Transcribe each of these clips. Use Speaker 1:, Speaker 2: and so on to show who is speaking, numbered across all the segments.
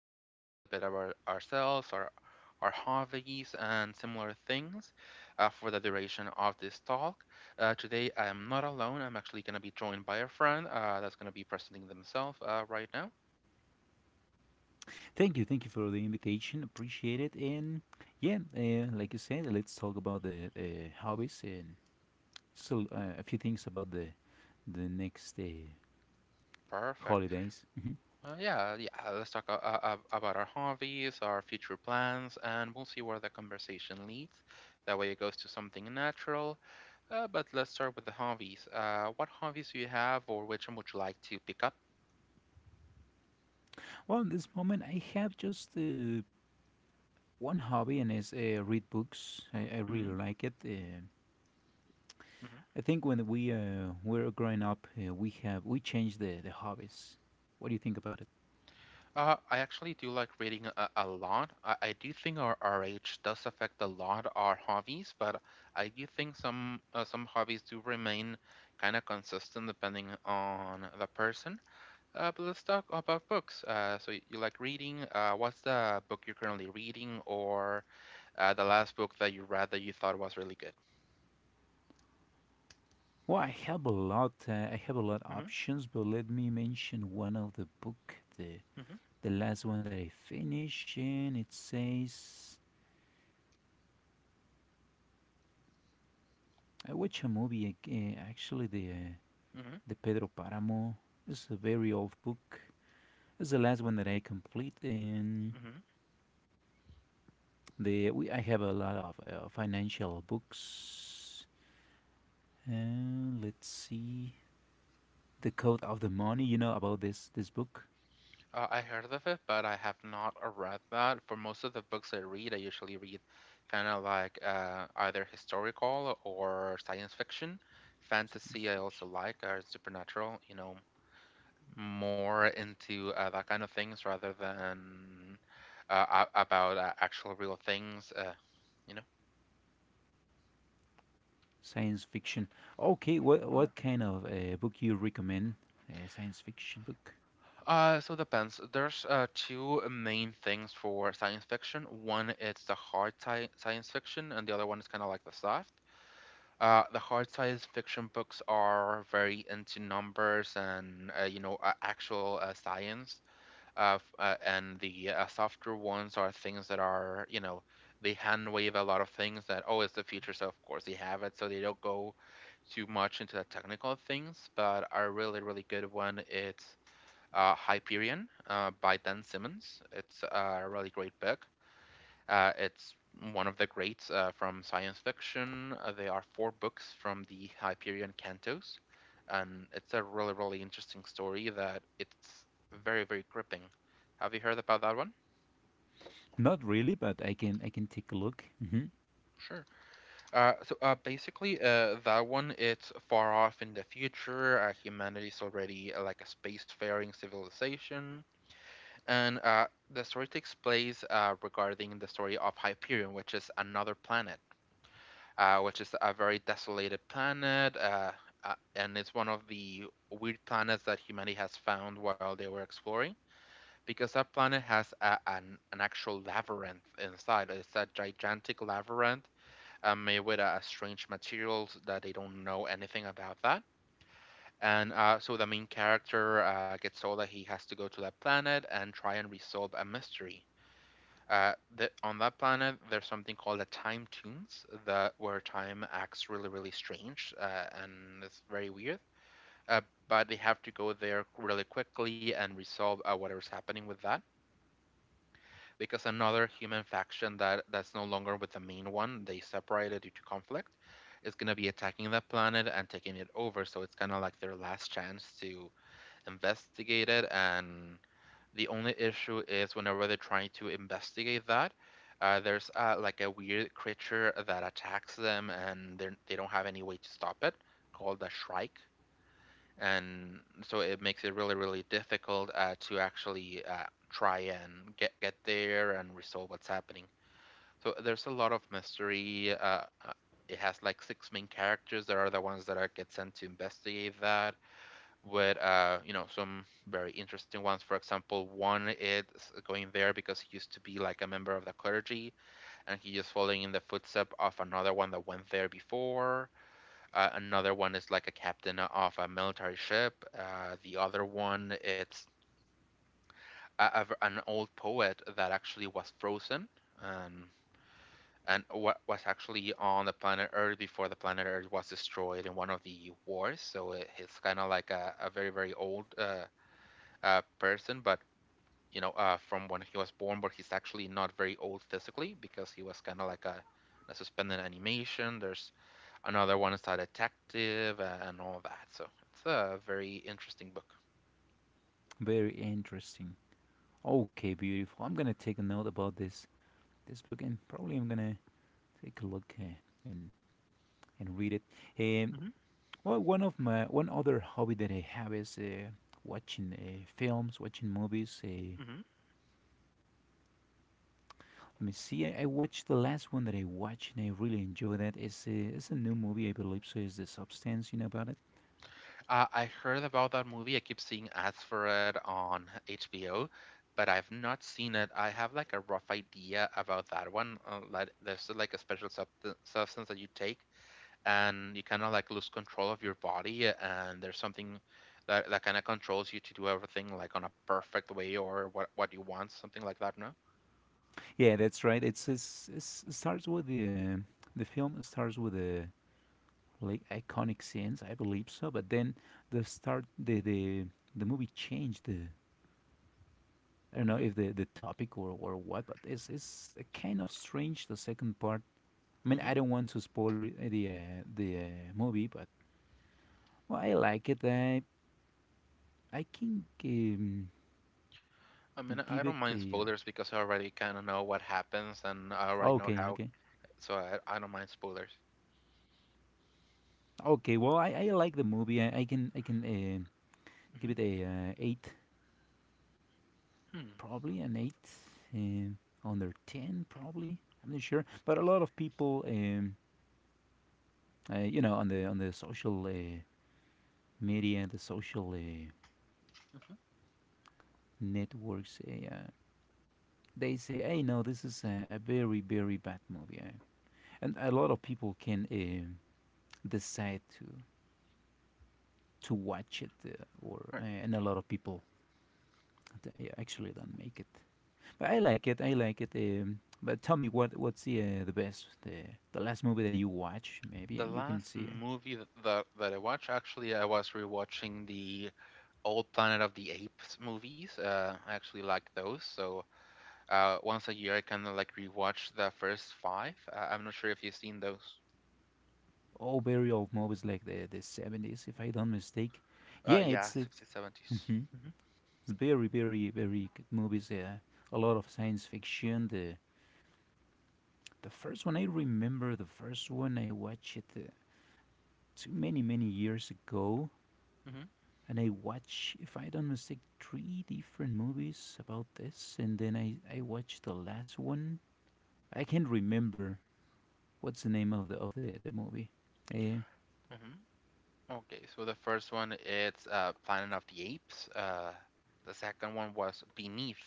Speaker 1: speaking a little bit about ourselves, our hobbies, and similar things for the duration of this talk. Today, I am not alone. I'm actually going to be joined by a friend that's going to be presenting themselves right now.
Speaker 2: Thank you for the invitation. Appreciate it. And yeah, like you said, let's talk about the hobbies and so a few things about the next
Speaker 1: Perfect.
Speaker 2: holidays.
Speaker 1: Yeah, yeah. Let's talk about our hobbies, our future plans, and we'll see where the conversation leads. That way, it goes to something natural. But let's start with the hobbies. What hobbies do you have, or which one would you like to pick up?
Speaker 2: Well, at this moment, I have just one hobby, and it's read books. I
Speaker 1: hmm
Speaker 2: really like it.
Speaker 1: hmm
Speaker 2: I think when we were growing up, we changed the hobbies. What do you think about it?
Speaker 1: I actually do like reading a lot. I do think our age does affect a lot our hobbies, but I do think some hobbies do remain kind of consistent depending on the person. But let's talk about books. So you like reading. What's the book you're currently reading, or the last book that you read that you thought was really good?
Speaker 2: Well, I have a lot. I have a lot
Speaker 1: Mm-hmm,
Speaker 2: options, but let me mention one of the book. The
Speaker 1: mm-hmm,
Speaker 2: The last one that I finished, and it says I watched a movie. Actually,
Speaker 1: mm-hmm,
Speaker 2: the Pedro Paramo. It's a very old book. It's the last one that I complete, and
Speaker 1: mm-hmm.
Speaker 2: I have a lot of financial books. And let's see, the Code of the Money. You know about this book?
Speaker 1: I heard of it, but I have not read that. For most of the books I read, I usually read kind of like either historical or science fiction. Fantasy,
Speaker 2: Science
Speaker 1: I also
Speaker 2: fiction.
Speaker 1: like, or supernatural. You know, more into that kind of things rather than about actual real things, you know?
Speaker 2: Science fiction. Okay, what
Speaker 1: Oh, yeah.
Speaker 2: what kind of book you recommend? A science fiction book?
Speaker 1: So it depends. There's two main things for science fiction. One it's the hard science fiction, and the other one is kind of like the soft. The hard science fiction books are very into numbers and you know actual science. And the softer ones are things that are, you know, they hand wave a lot of things that, oh, it's the future, so of course they have it, so they don't go too much into the technical things. But a really, really good one, it's Hyperion by Dan Simmons. It's a really great book. It's one of the greats from science fiction. There are four books from the Hyperion Cantos, and it's a really, really interesting story that it's very, very gripping. Have you heard about that one?
Speaker 2: Not really, but I can take a look.
Speaker 1: Sure. Basically, that one it's far off in the future. Humanity is already like a spacefaring civilization, and the story takes place regarding the story of Hyperion, which is another planet which is a very desolated planet, and it's one of the weird planets that humanity has found while they were exploring, because that planet has an actual labyrinth inside. It's a gigantic labyrinth made with strange materials that they don't know anything about that. And so the main character gets told that he has to go to that planet and try and resolve a mystery. On that planet, there's something called the time tunes that where time acts really, really strange, and it's very weird. Uh, but they have to go there really quickly and resolve whatever's happening with that, because another human faction that that's no longer with the main one, they separated due to conflict, is gonna be attacking that planet and taking it over. So it's kind of like their last chance to investigate it, and the only issue is whenever they're trying to investigate that, there's like a weird creature that attacks them, and they don't have any way to stop it, called the Shrike. And so it makes it really, really difficult to actually try and get there and resolve what's happening. So there's a lot of mystery. It has like six main characters that are the ones that are get sent to investigate that with you know some very interesting ones. For example, one is going there because he used to be like a member of the clergy, and he is following in the footsteps of another one that went there before. Another one is like a captain of a military ship. The other one it's an old poet that actually was frozen. Um, and wa was actually on the planet Earth before the planet Earth was destroyed in one of the wars. So it, it's kind of like a very, very old person, but you know, from when he was born, but he's actually not very old physically because he was kind of like a suspended animation. There's another one is a detective and all that. So it's a very interesting book.
Speaker 2: Very interesting. Okay, beautiful. I'm gonna take a note about this book, and probably I'm gonna take a look and and read it. Um,
Speaker 1: hmm
Speaker 2: well, one of my one other hobby that I have is watching films, watching movies.
Speaker 1: hmm
Speaker 2: Let me see. I watched the last one that I watched, and I really enjoyed that. It's a new movie, I believe. So it's the substance, you know about it.
Speaker 1: I heard about that movie. I keep seeing ads for it on HBO, but I've not seen it. I have like a rough idea about that one. Like, there's like a special substance that you take and you kind of like lose control of your body, and there's something that, that kind of controls you to do everything like on a perfect way or what you want, something like that, no?
Speaker 2: Yeah, that's right. It's it starts with the film starts with a like iconic scenes. I believe so. But then the start, the the the movie changed the. I don't know
Speaker 1: hmm
Speaker 2: if the topic or what, but it's a kind of strange the second part. I mean,
Speaker 1: hmm
Speaker 2: I don't want to spoil it, the movie, but well, I like it. I can
Speaker 1: I mean, I
Speaker 2: give
Speaker 1: don't
Speaker 2: it
Speaker 1: mind
Speaker 2: a
Speaker 1: spoilers because I already kind of know what happens and I
Speaker 2: uh,
Speaker 1: already know
Speaker 2: okay,
Speaker 1: how,
Speaker 2: okay,
Speaker 1: so I don't mind spoilers.
Speaker 2: okay. Well, I like the movie. I can give
Speaker 1: hmm
Speaker 2: it a eight
Speaker 1: hmm
Speaker 2: probably an eight, um, under ten, probably. I'm not sure, but a lot of people, you know, on the social media, the social
Speaker 1: Mm-hmm.
Speaker 2: networks, they say, "Hey, no, this is a very very bad movie," and a lot of people can decide to watch it, or
Speaker 1: Right.
Speaker 2: and a lot of people they actually don't make it. But I like it. I like it. But tell me what's the best the last movie that you watch maybe,
Speaker 1: The
Speaker 2: and you can
Speaker 1: last
Speaker 2: see
Speaker 1: movie that I watched, actually, I was rewatching the old Planet of the Apes movies. I actually like those, so uh, once a year, I kind of like rewatch the first five. I'm not sure if you've seen those.
Speaker 2: all very old movies like the seventies, if I don't mistake. Yeah,
Speaker 1: Yeah,
Speaker 2: it's it,
Speaker 1: 60s, 70s.
Speaker 2: mhm, it's very very very good movies. Yeah, a lot of science fiction. The first one I remember, the first one I watched it too many many years ago,
Speaker 1: Mm-hmm.
Speaker 2: and I watched, if I don't mistake, three different movies about this, and then I watched the last one. I can't remember what's the name of the of the movie. Uh,
Speaker 1: Mm-hmm. Okay, so the first one it's Planet of the Apes. The second one was Beneath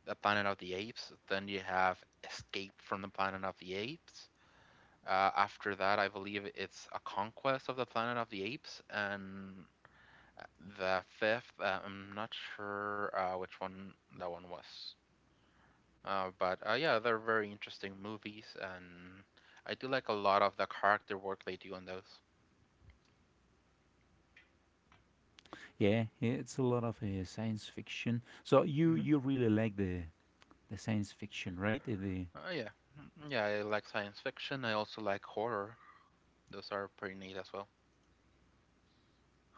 Speaker 1: the Planet of the Apes. Then you have Escape from the Planet of the Apes. After that, I believe it's A Conquest of the Planet of the Apes, and uh, the fifth, I'm not sure which one that one was. But yeah, they're very interesting movies, and I do like a lot of the character work they do on those.
Speaker 2: Yeah, it's a lot of science fiction. So you
Speaker 1: hmm
Speaker 2: you really like the science fiction, right? The
Speaker 1: Uh, yeah, yeah, I like science fiction. I also like horror. Those are pretty neat as well.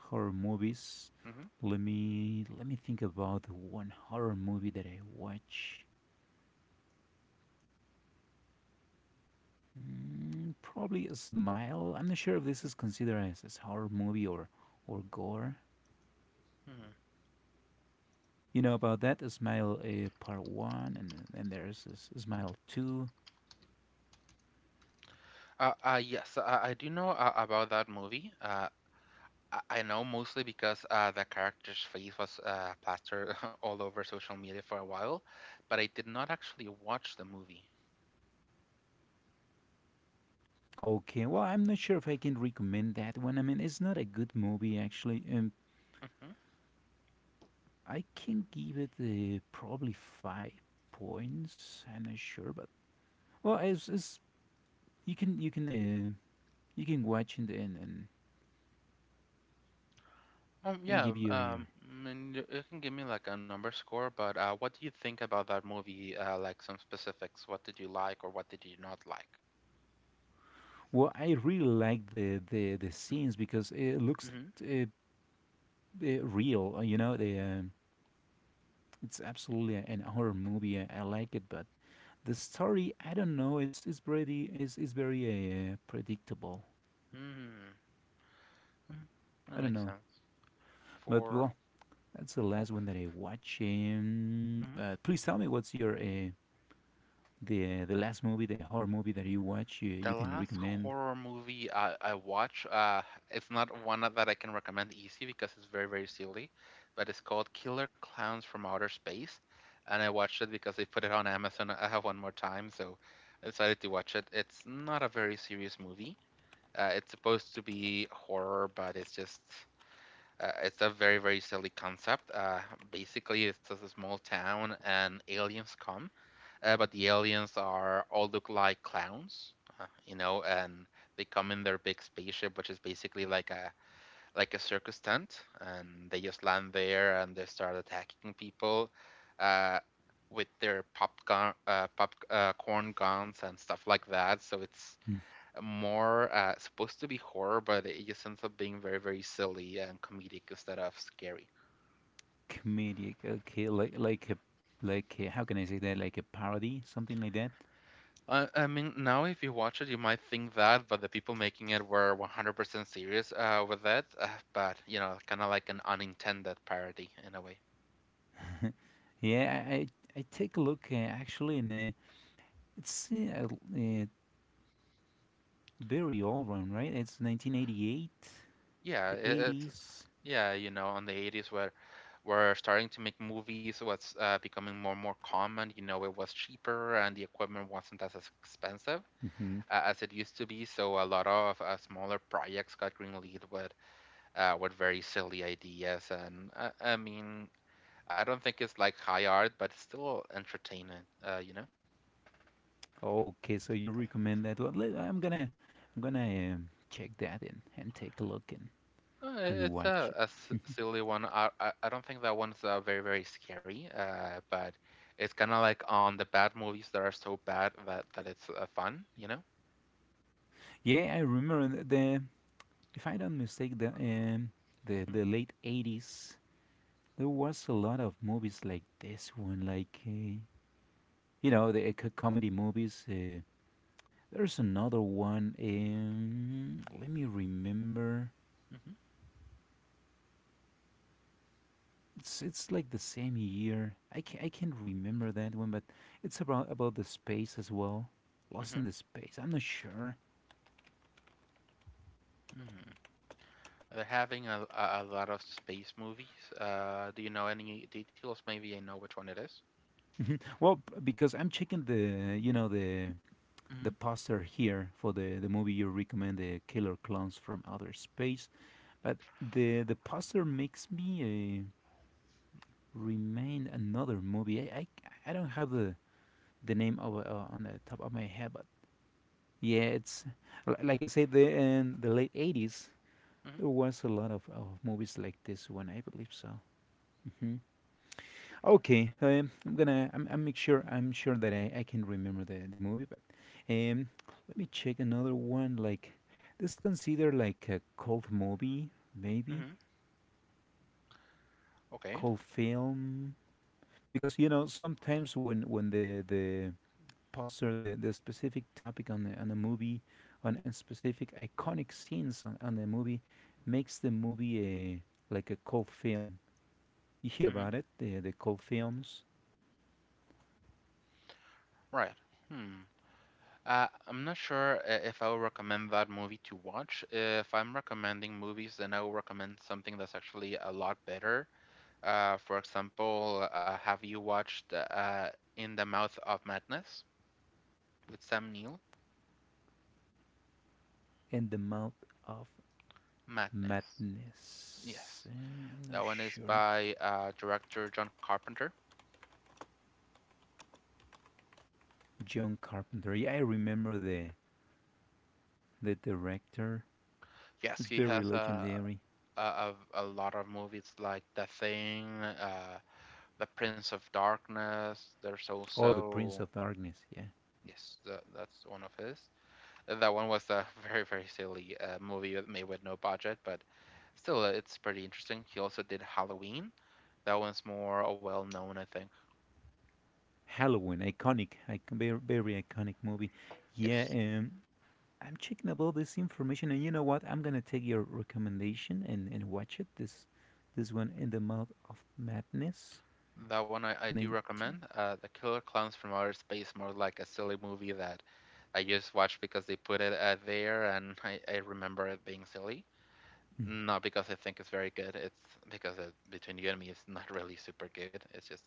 Speaker 2: horror movies.
Speaker 1: hmm
Speaker 2: Let me think about one horror movie that I watch. Mm, probably a Smile. I'm not sure if this is considered as a horror movie or gore.
Speaker 1: Hmm.
Speaker 2: You know about that? A Smile Part One, and then there's a, Smile Two.
Speaker 1: Yes, I do know about that movie. I know mostly because the character's face was plastered all over social media for a while, but I did not actually watch the movie.
Speaker 2: Okay, well, I'm not sure if I can recommend that one. I mean, it's not a good movie actually. I can give it probably 5 points. I'm not sure, but well, it's you can you can watch and and and,
Speaker 1: Um,
Speaker 2: and
Speaker 1: yeah,
Speaker 2: give
Speaker 1: um,
Speaker 2: you
Speaker 1: um,
Speaker 2: your.
Speaker 1: and you can give me like a number score, but what do you think about that movie? Like some specifics. What did you like or what did you not like?
Speaker 2: Well, I really like the scenes because it looks
Speaker 1: Mm-hmm.
Speaker 2: uh, real. You know, the it's absolutely an horror movie. I like it, but the story, I don't know. It's very predictable.
Speaker 1: Mm-hmm. That
Speaker 2: I don't
Speaker 1: makes
Speaker 2: know,
Speaker 1: sense.
Speaker 2: but
Speaker 1: For
Speaker 2: well, that's the
Speaker 1: hope.
Speaker 2: last one that I watch. But please tell me what's your the last movie, the horror movie that you watch, you
Speaker 1: The
Speaker 2: can
Speaker 1: last
Speaker 2: recommend.
Speaker 1: horror movie I watch, it's not one that I can recommend easy because it's very, very silly, but it's called Killer Clowns from Outer Space. And I watched it because they put it on Amazon. I have one more time, so I decided to watch it. It's not a very serious movie. It's supposed to be horror, but it's just, it's a very, very silly concept. Basically, it's just a small town and aliens come but the aliens are all look like clowns, you know, and they come in their big spaceship, which is basically like a circus tent, and they just land there and they start attacking people uh, with their popcorn pop corn guns and stuff like that. So it's more supposed to be horror, but it just ends up being very very silly and comedic instead of scary.
Speaker 2: Comedic, okay, like a, like how can I say that, like a parody, something like that.
Speaker 1: I mean, now if you watch it, you might think that, but the people making it were 100% serious with that. But you know, kind of like an unintended parody in a way.
Speaker 2: Yeah, I take a look actually, and it's uh, very old one, right? It's 1988,
Speaker 1: Yeah,
Speaker 2: the
Speaker 1: it, it's
Speaker 2: 80s.
Speaker 1: yeah, you know, on the 80s where we're starting to make movies, what's becoming more and more common. You know, it was cheaper and the equipment wasn't as expensive.
Speaker 2: hmm
Speaker 1: As it used to be, so a lot of smaller projects got greenlit with very silly ideas, and I mean, I don't think it's like high art, but it's still entertaining. You know,
Speaker 2: Okay, so you recommend that one? I'm gonna check that in and take a look
Speaker 1: uh,
Speaker 2: and
Speaker 1: it's
Speaker 2: watch it.
Speaker 1: silly one. I don't think that one's very very scary. But it's kind of like on the bad movies that are so bad that it's fun. You know.
Speaker 2: Yeah, I remember the if I don't mistake
Speaker 1: hmm
Speaker 2: the late '80s, there was a lot of movies like this one, like you know the comedy movies. There's another one. Let me remember.
Speaker 1: hmm
Speaker 2: It's like the same year. I can't remember that one, but it's about the space as well. Lost in
Speaker 1: hmm
Speaker 2: the space. I'm not sure.
Speaker 1: hmm They're having a lot of space movies. Do you know any details? Maybe I know which one it is.
Speaker 2: Mhm, well, because I'm checking the you know the
Speaker 1: Mm-hmm.
Speaker 2: poster here for the movie you recommend, the Killer Clowns from Outer Space. But the poster makes me remain another movie. I don't have the name of, on the top of my head, but yeah, it's like I said, the in the late 80s
Speaker 1: Mm-hmm.
Speaker 2: there was a lot of movies like this one. I believe so. hmm Okay, I'm gonna I'm make sure I'm sure that I can remember the movie, but um, let me check another one. Like this considered like a cult movie, maybe
Speaker 1: Mm-hmm. Okay.
Speaker 2: cult film, because you know sometimes when the poster the specific topic on the on a movie on a specific iconic scenes on the movie makes the movie a like a cult film. You hear about
Speaker 1: hmm
Speaker 2: it the cult films.
Speaker 1: Right. Hmm. I'm not sure if I would recommend that movie to watch. If I'm recommending movies, then I will recommend something that's actually a lot better. For example, have you watched In the Mouth of Madness with Sam Neill?
Speaker 2: And the mouth of
Speaker 1: Madness.
Speaker 2: madness.
Speaker 1: Yes.
Speaker 2: I'm not
Speaker 1: That one is
Speaker 2: sure.
Speaker 1: by director John Carpenter.
Speaker 2: John Carpenter, yeah, I remember the director.
Speaker 1: Yes,
Speaker 2: It's
Speaker 1: he
Speaker 2: very
Speaker 1: has a,
Speaker 2: legendary.
Speaker 1: a, a a lot of movies like The Thing, The Prince of Darkness. There's
Speaker 2: Oh, the Prince
Speaker 1: also,
Speaker 2: of Darkness, yeah.
Speaker 1: yes, that's one of his. That one was a very, very silly made with no budget, but still, it's pretty interesting. He also did Halloween. That one's more well known, I think.
Speaker 2: Halloween, iconic, very, very iconic movie. Yeah,
Speaker 1: Yes.
Speaker 2: I'm checking about this information, and you know what? I'm gonna take your recommendation and watch it. This one, In the Mouth of Madness,
Speaker 1: That one I do
Speaker 2: 19.
Speaker 1: recommend. The Killer Clowns from Outer Space, more like a silly movie that I just watched because they put it there and I remember it being silly.
Speaker 2: Mm.
Speaker 1: Not because I think it's very good, it's because between you and me, it's not really super good. It's just,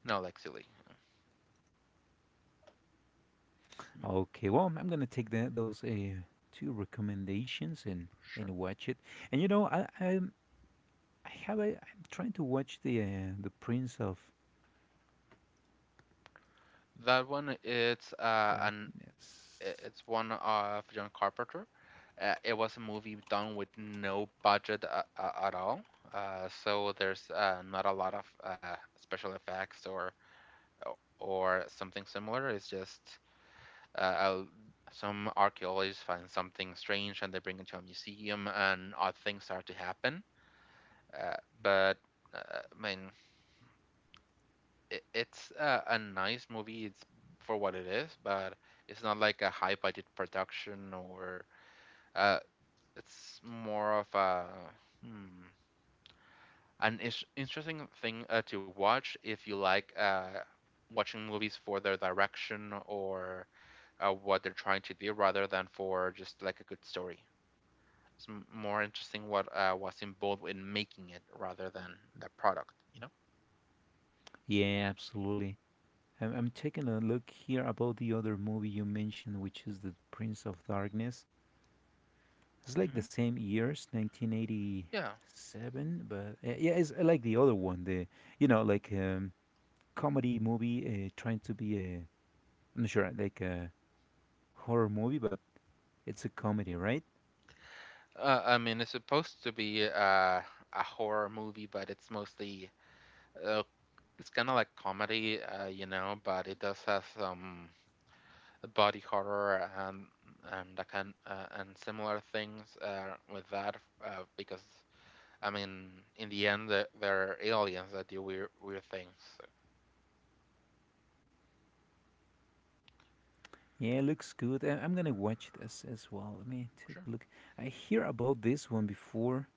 Speaker 1: no, like silly. Mhm,
Speaker 2: Okay, well, I'm gonna take the, those two recommendations
Speaker 1: sure.
Speaker 2: and watch it. And you know, I have a, I'm trying to watch the Prince of
Speaker 1: That one, it's
Speaker 2: Darkness.
Speaker 1: it's one of John Carpenter. It was a movie done with no budget at all, so there's not a lot of special effects or something similar. It's just uh, uh, some archaeologists find something strange and they bring it to a museum, and odd things start to happen. Uh, but I mean, it's a nice movie. It's for what it is, but it's not like a high budget production or uh, it's more of a hmm, an interesting thing to watch if you like watching movies for their direction or what they're trying to do rather than for just like a good story. It's more interesting what was involved in making it rather than the product, you know?
Speaker 2: Yeah, absolutely. I'm taking a look here about the other movie you mentioned, which is The Prince of Darkness. It's like the
Speaker 1: Hmm.
Speaker 2: same years,
Speaker 1: Yeah.
Speaker 2: 1987, but yeah, it's like the other one, the you know, like comedy movie trying to be a I'm not sure, like a horror movie, but it's a comedy, right?
Speaker 1: I mean, it's supposed to be a horror movie, but it's mostly uh, it's kind of like comedy, you know, but it does have some body horror and I can and similar things with that because I mean in the end they're aliens that do weird things. So,
Speaker 2: Yeah, looks good. I'm gonna watch this as well. Let me take
Speaker 1: sure.
Speaker 2: a look. I hear about this one before,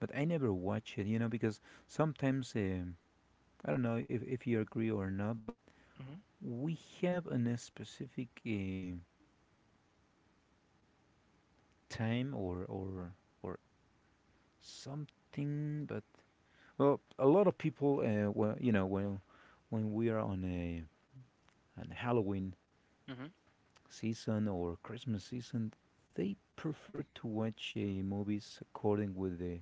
Speaker 2: but I never watch it, you know, because sometimes I don't know if you agree or not, but
Speaker 1: Hmm.
Speaker 2: we have an, a specific time or something, but well, a lot of people, well, you know, when we are on a on Halloween
Speaker 1: Hmm.
Speaker 2: season or Christmas season, they prefer to watch movies according with the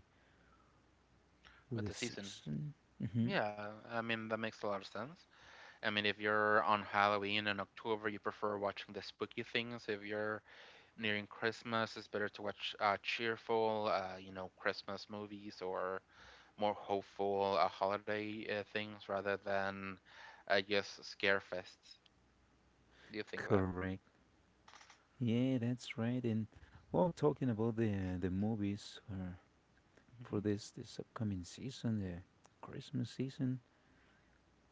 Speaker 2: with
Speaker 1: With
Speaker 2: the
Speaker 1: the season.
Speaker 2: season. hmm
Speaker 1: Yeah, I mean that makes a lot of sense. I mean if you're on Halloween in October, you prefer watching the spooky things. If you're nearing Christmas, it's better to watch cheerful, you know, Christmas movies or more hopeful holiday things rather than just scare fests. Do you think that?
Speaker 2: Correct. Yeah, that's right. And well, talking about the movies for
Speaker 1: Hmm.
Speaker 2: this upcoming season, the Christmas season.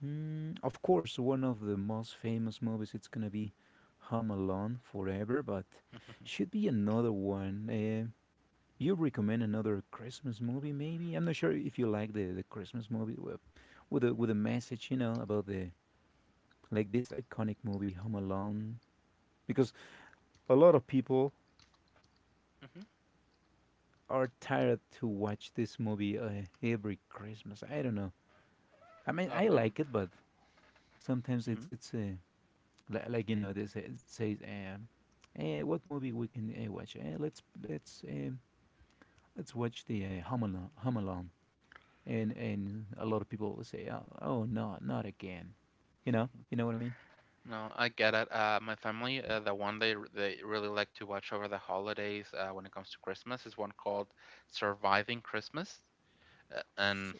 Speaker 2: Mm, of course, one of the most famous movies it's gonna be Home Alone Forever, but
Speaker 1: Hmm.
Speaker 2: should be another one. You recommend another Christmas movie, maybe? I'm not sure if you like the Christmas movie with a message, you know, about the like this iconic movie Home Alone, because a lot of people
Speaker 1: Hmm.
Speaker 2: are tired to watch this movie every Christmas. I don't know. I mean, I
Speaker 1: Okay.
Speaker 2: like it, but sometimes
Speaker 1: Hmm.
Speaker 2: it's like you know they say says what movie we can watch let's watch the home alone and a lot of people will say oh, oh no not again,
Speaker 1: Hmm.
Speaker 2: you know what I mean.
Speaker 1: No, I get it. My family, the one they they really like to watch over the holidays when it comes to Christmas is one called Surviving Christmas. And
Speaker 2: S-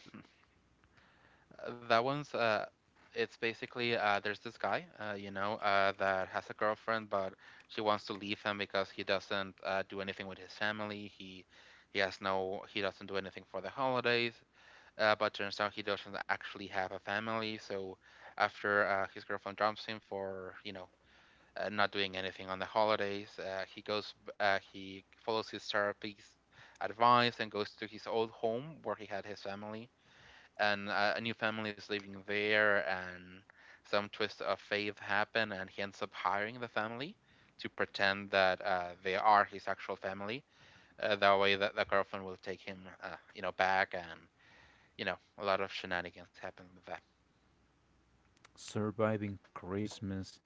Speaker 1: That one's it's basically there's this guy, you know, that has a girlfriend but she wants to leave him because he doesn't do anything with his family. He has no he doesn't do anything for the holidays. But turns out he doesn't actually have a family, so after his girlfriend dumps him for, you know, not doing anything on the holidays, he follows his therapy's advice and goes to his old home where he had his family and a new family is living there, and some twist of fate happen, and he ends up hiring the family to pretend that they are his actual family. That way, that the girlfriend will take him, you know, back, and you know, a lot of shenanigans happen with that.
Speaker 2: Surviving Christmas,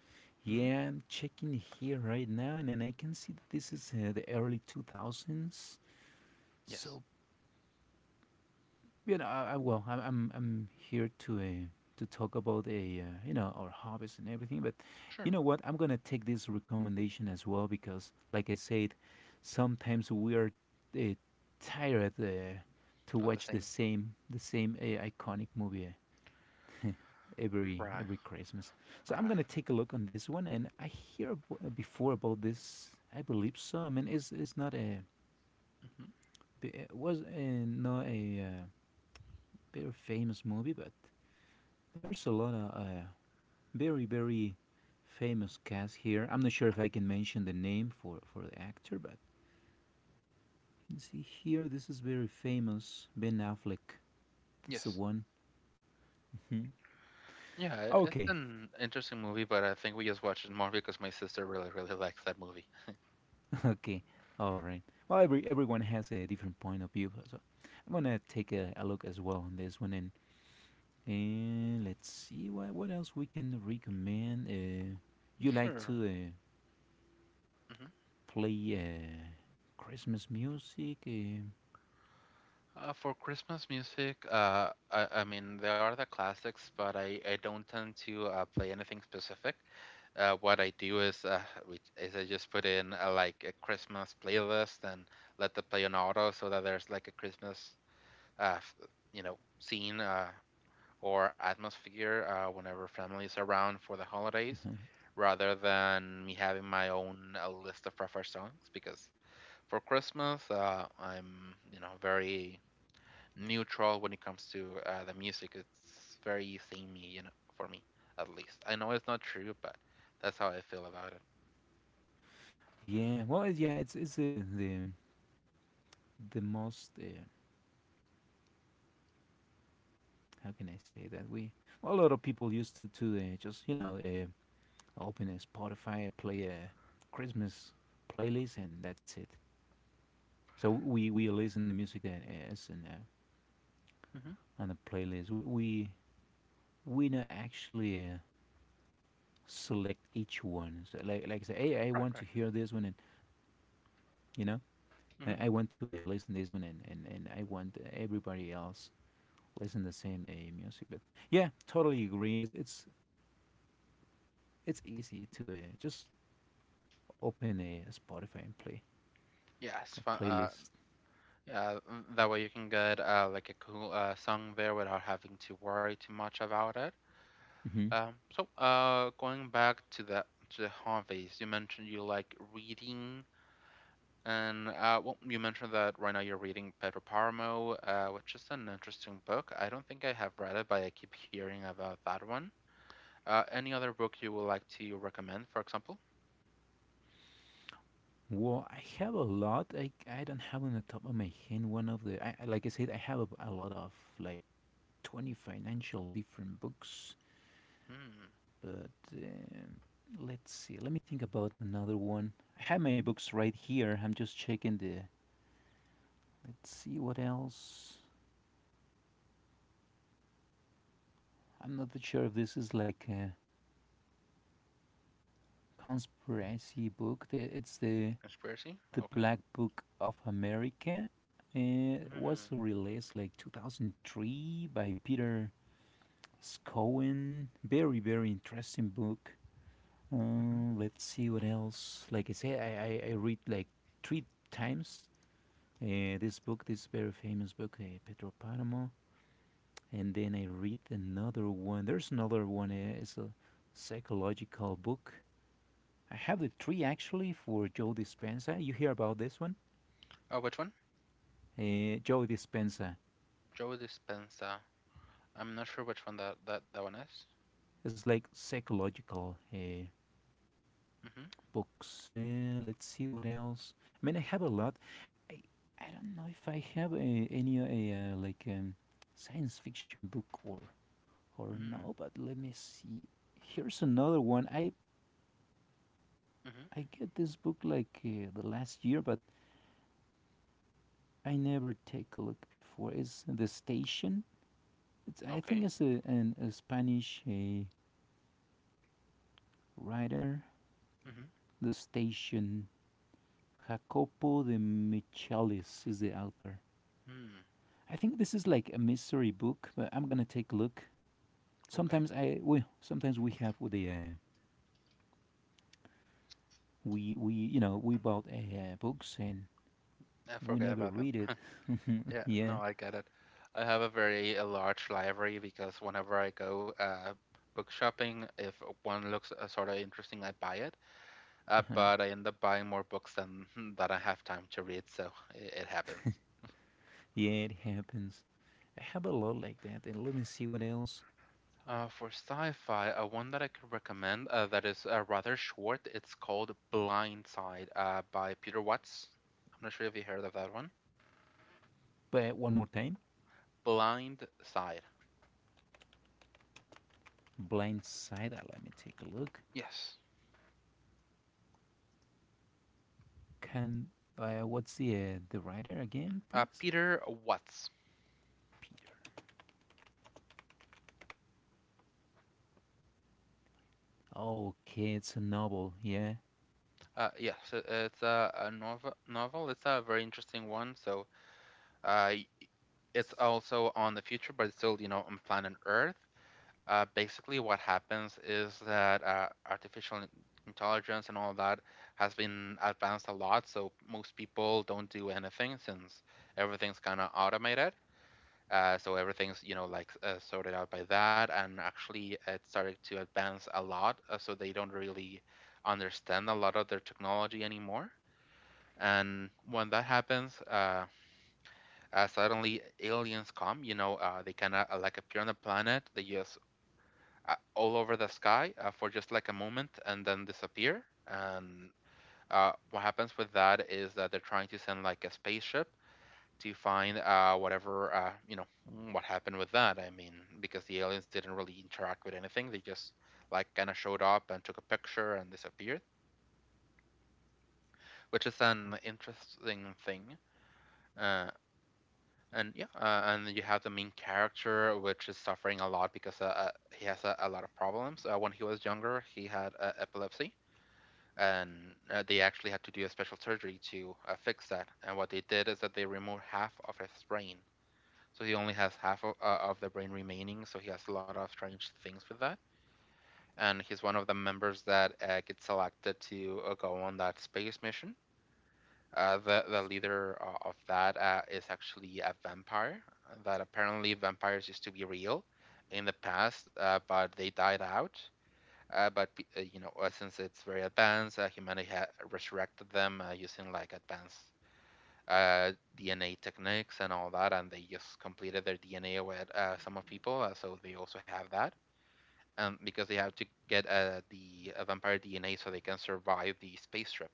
Speaker 1: Hmm.
Speaker 2: yeah, I'm checking here right now and then I can see that this is the early 2000s,
Speaker 1: Yes,
Speaker 2: so you know, well, I'm here to talk about a you know our hobbies and everything, but you
Speaker 1: sure,
Speaker 2: know what? I'm gonna take this recommendation as well because, like I said, sometimes we are uh, tired to
Speaker 1: at the
Speaker 2: watch the
Speaker 1: same.
Speaker 2: same the same iconic movie
Speaker 1: Right,
Speaker 2: every Christmas. So I'm
Speaker 1: right.
Speaker 2: gonna take a look on this one, and I hear before about this. I believe so. I mean, it's not a
Speaker 1: Hmm.
Speaker 2: it was not a very famous movie, but there's a lot of very, very famous cast here. I'm not sure if I can mention the name for the actor, but you can see here this is very famous. Ben Affleck. That's the
Speaker 1: Yes.
Speaker 2: one. Mhm.
Speaker 1: Yeah, it's
Speaker 2: Okay,
Speaker 1: an interesting movie, but I think we just watched it more because my sister really, really likes that movie.
Speaker 2: okay, all right. Well, everyone has a different point of view, so I'm gonna take a look as well on this one, and let's see what else we can recommend. You like
Speaker 1: Sure.
Speaker 2: to
Speaker 1: Hmm.
Speaker 2: play Christmas music?
Speaker 1: For Christmas music, I mean, there are the classics, but I don't tend to play anything specific. What I do is, which is I just put in like a Christmas playlist and let the play on auto so that there's like a Christmas, uh, f- you know, scene or atmosphere whenever families are around for the holidays, rather than me having my own list of preferred songs because for Christmas, I'm, you know, very neutral when it comes to the music. It's very samey, you know, for me at least. I know it's not true, but that's how I feel about it.
Speaker 2: Yeah, well, yeah, it's the the most how can I say that we well, a lot of people used to just open a Spotify, play a Christmas playlist, and that's it. So we listen the music that is in
Speaker 1: Hmm.
Speaker 2: on the playlist. We we not actually select each one. So like I say, hey, I
Speaker 1: Right,
Speaker 2: want to
Speaker 1: right.
Speaker 2: hear this one, and you know,
Speaker 1: Hmm.
Speaker 2: I want to listen this one, and and I want everybody else plays in the same a music. But yeah, totally agree. It's it's easy to just open a Spotify and play
Speaker 1: Yeah,
Speaker 2: a
Speaker 1: fun.
Speaker 2: playlist.
Speaker 1: Mm, that way you can get like a cool song there without having to worry too much about it.
Speaker 2: Hmm.
Speaker 1: So going back to the hobbies, you mentioned you like reading. And well, you mentioned that right now you're reading Pedro Paramo, which is an interesting book. I don't think I have read it, but I keep hearing about that one. Any other book you would like to recommend, for example?
Speaker 2: Well, I have a lot. I don't have on the top of my head one of the. Like I said, I have a lot of like 20 financial different books.
Speaker 1: Hmm.
Speaker 2: But um, let's see. Let me think about another one. I have my
Speaker 1: Hmm.
Speaker 2: books right here. I'm just checking the. Let's see what else. I'm not that sure if this is like. Conspiracy book. It's
Speaker 1: Conspiracy?
Speaker 2: the
Speaker 1: Okay.
Speaker 2: Black Book of America. It was
Speaker 1: Hmm.
Speaker 2: released like 2003 by Peter Scowen. Very very interesting book.
Speaker 1: Hmm.
Speaker 2: Let's see what else. Like I said, I read like three times this book, this very famous book, Pedro Paramo. And then I read another one. There's another one. It's a psychological book. I have the three actually for Joe Dispenza. You hear about this one?
Speaker 1: Oh, which one?
Speaker 2: Joe Dispenza.
Speaker 1: Joe Dispenza. I'm not sure which one that one is.
Speaker 2: It's like psychological
Speaker 1: Mm-hmm.
Speaker 2: books. Let's see what else. I mean, I have a lot. I, I don't know if I have any like science fiction book
Speaker 1: mm
Speaker 2: or
Speaker 1: hmm
Speaker 2: no. But let me see. Here's another one.
Speaker 1: mm hmm
Speaker 2: I get this book like the last year, but I never take a look before. It's the station. It's I think
Speaker 1: Okay.
Speaker 2: it's a Spanish writer.
Speaker 1: Mm-hmm.
Speaker 2: The Station. Jacopo de Michelis is the author.
Speaker 1: Hmm.
Speaker 2: I think this is like a mystery book, but I'm gonna take a look.
Speaker 1: Okay.
Speaker 2: Sometimes we have the we you know we bought books and
Speaker 1: I
Speaker 2: we
Speaker 1: forget
Speaker 2: never
Speaker 1: about them.
Speaker 2: read it.
Speaker 1: Yeah,
Speaker 2: Yeah,
Speaker 1: no, I get it. I have a very large library because whenever I go book shopping, if one looks sort of interesting, I buy it. But I end up buying more books than that I have time to read, so it happens.
Speaker 2: yeah, it happens. I have a lot like that. And let me see what else.
Speaker 1: For sci-fi, one that I could recommend that is rather short. It's called Blind Side by Peter Watts. I'm not sure if you heard of that one.
Speaker 2: But one more time,
Speaker 1: Blind Side.
Speaker 2: Blind Side. Let me take a look.
Speaker 1: Yes.
Speaker 2: Can what's the writer again, please?
Speaker 1: Peter Watts.
Speaker 2: Peter. Oh, okay, it's a novel. Yeah,
Speaker 1: Yes, it's a novel. Novel. It's a very interesting one. So, uh, y- it's also on the future, but it's still, you know, on planet Earth. Basically, what happens is that intelligence and all that has been advanced a lot. So most people don't do anything since everything's kind of automated. So everything's, you know, like sorted out by that. And actually, it started to advance a lot. So they don't really understand a lot of their technology anymore and when that happens suddenly aliens come, you know, they kind of like appear on the planet. They just all over the sky for just like a moment and then disappear. And what happens with that is that they're trying to send like a spaceship to find whatever, you know, mm, what happened with that. I mean, because the aliens didn't really interact with anything, they just like kind of showed up and took a picture and disappeared, which is an interesting thing. Uh, and yeah, and you have the main character which is suffering a lot because he has a lot of problems when he was younger. He had epilepsy and they actually had to do a special surgery to fix that, and what they did is that they removed half of his brain, so he only has half of the brain remaining, so he has a lot of strange things with that. And he's one of the members that gets selected to go on that space mission. The leader of that is actually a vampire. That apparently vampires used to be real in the past, but they died out. You know, since it's very advanced, humanity ha resurrected them using like advanced uh, DNA techniques and all that, and they just completed their DNA with some of people, so they also have that. Because they have to get the vampire DNA so they can survive the space trip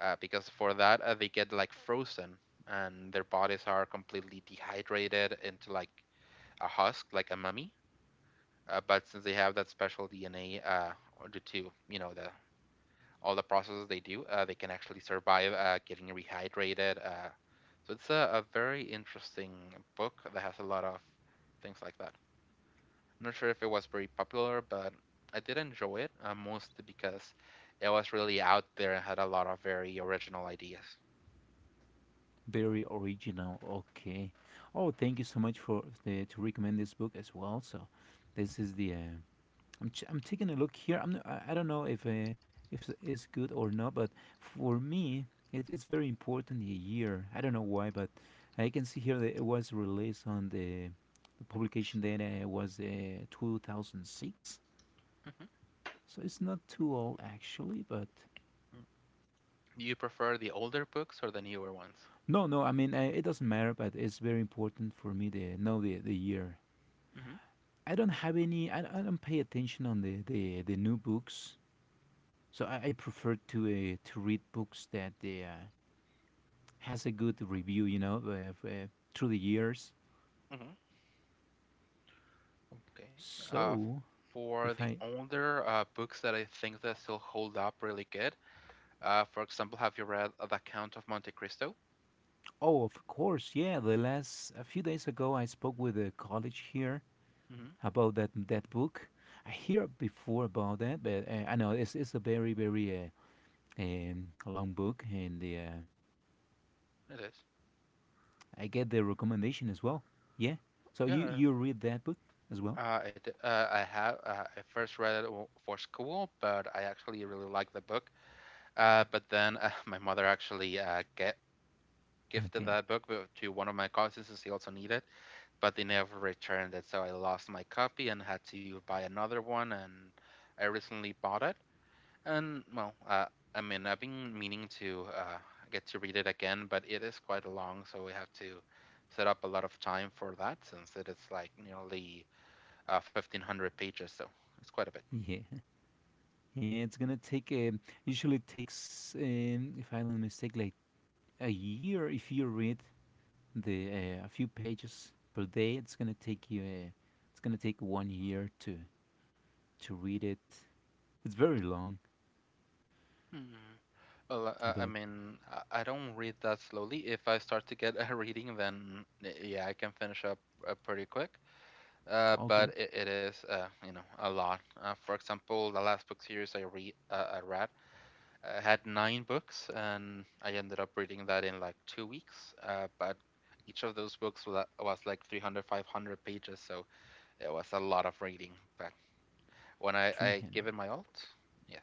Speaker 1: because for that they get like frozen and their bodies are completely dehydrated into like a husk, like a mummy. But since they have that special DNA, due to you know the all the processes they do, they can actually survive getting rehydrated. So it's a very interesting book that has a lot of things like that. I'm not sure if it was very popular, but I did enjoy it, mostly because it was really out there and had a lot of very original ideas.
Speaker 2: very original. Okay. Oh, thank you so much for the to recommend this book as well. So, this is the. I'm taking a look here. I don't know if it's good or not, but for me, it's very important the year. I don't know why, but I can see here that it was released on the publication date was 2006.
Speaker 1: Mm-hmm.
Speaker 2: So it's not too old actually, but
Speaker 1: Do you prefer the older books or the newer ones?
Speaker 2: no, no. I mean, I, it doesn't matter, but it's very important for me to know the year.
Speaker 1: Hmm.
Speaker 2: I don't have any. I don't pay attention on the new books, so I prefer to read books that has a good review. You know, through the years.
Speaker 1: Hmm. Okay. Uh,
Speaker 2: So
Speaker 1: for
Speaker 2: if
Speaker 1: the
Speaker 2: I
Speaker 1: older books that I think that still hold up really good, for example, have you read The Count of Monte Cristo?
Speaker 2: oh, of course, yeah. The last a few days ago, I spoke with a college here
Speaker 1: Hmm.
Speaker 2: about that book. I hear before about that, but I know it's a very very long book, and the
Speaker 1: It is.
Speaker 2: I get the recommendation as well. Yeah. So you
Speaker 1: Yeah.
Speaker 2: you read that book as well?
Speaker 1: I have. I first read it for school, but I actually really liked the book. But then my mother actually get gifted
Speaker 2: Okay.
Speaker 1: that book to one of my cousins, since he also needed. But they never returned it. So I lost my copy and had to buy another one. And I recently bought it. And well, I mean, I've been meaning to get to read it again, but it is quite long, so we have to set up a lot of time for that since it is like nearly 1500 pages, so it's quite a bit.
Speaker 2: Yeah. Yeah. It's gonna take usually takes if I don't mistake like a year if you read the a few pages per day. It's gonna take you. It's gonna take 1 year to read it. It's very long,
Speaker 1: Hmm. Well, I
Speaker 2: but
Speaker 1: mean, I don't read that slowly. If I start to get a reading, then yeah, I can finish up pretty quick.
Speaker 2: okay.
Speaker 1: But it is a lot. For example, the last book series I read, had nine books, and I ended up reading that in like 2 weeks. But each of those books was like 300, 500 pages, so it was a lot of reading. But when I give it
Speaker 2: 300
Speaker 1: my all, yes,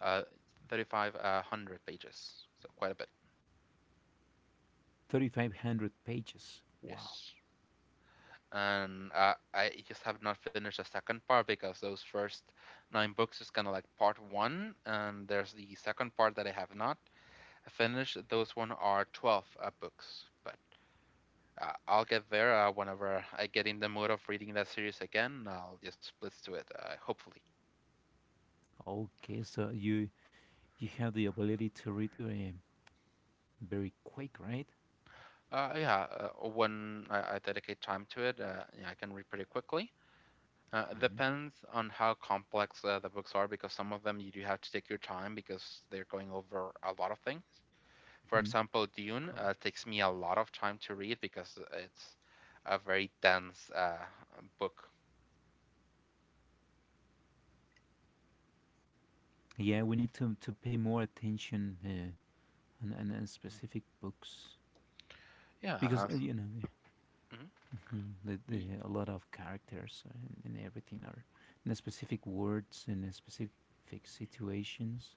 Speaker 1: uh, 35, hundred pages, so quite a bit.
Speaker 2: 3,500 pages wow.
Speaker 1: Yes. And I just have not finished the second part because those first nine books is kind of like part one, and there's the second part that I have not finished. Those one are 12 books, but I'll get there whenever I get in the mood of reading that series again. I'll just blitz to it, hopefully.
Speaker 2: Okay so you have the ability to read very quick right.
Speaker 1: Yeah, when I dedicate time to it, yeah, I can read pretty quickly.
Speaker 2: Mm-hmm.
Speaker 1: Depends on how complex the books are because some of them you do have to take your time because they're going over a lot of things. For
Speaker 2: Hmm.
Speaker 1: example, Dune
Speaker 2: Correct.
Speaker 1: takes me a lot of time to read because it's a very dense book.
Speaker 2: Yeah, we need to pay more attention on, on specific books
Speaker 1: Yeah,
Speaker 2: because you know yeah,
Speaker 1: mhm.
Speaker 2: mhm,
Speaker 1: Y-
Speaker 2: a lot of characters and everything are in specific words and the specific situations.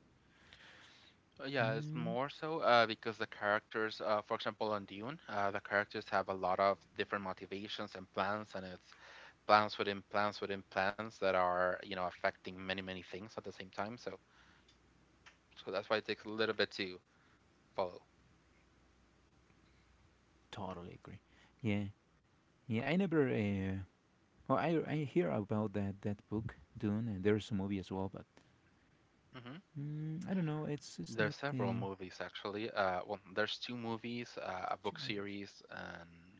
Speaker 1: yeah, it's
Speaker 2: Mm,
Speaker 1: more so because the characters, for example, on Dune, the characters have a lot of different motivations and plans, and it's plans within plans within plans that are, you know, affecting many, many things at the same time. So that's why it takes a little bit to follow.
Speaker 2: totally agree. Yeah, yeah. I never. Well, I hear about that book Dune, and there's a movie as well, but mm, I don't know. It's
Speaker 1: There's
Speaker 2: not
Speaker 1: several
Speaker 2: the
Speaker 1: movies actually. Well, there's two movies, a book
Speaker 2: two movies.
Speaker 1: series, and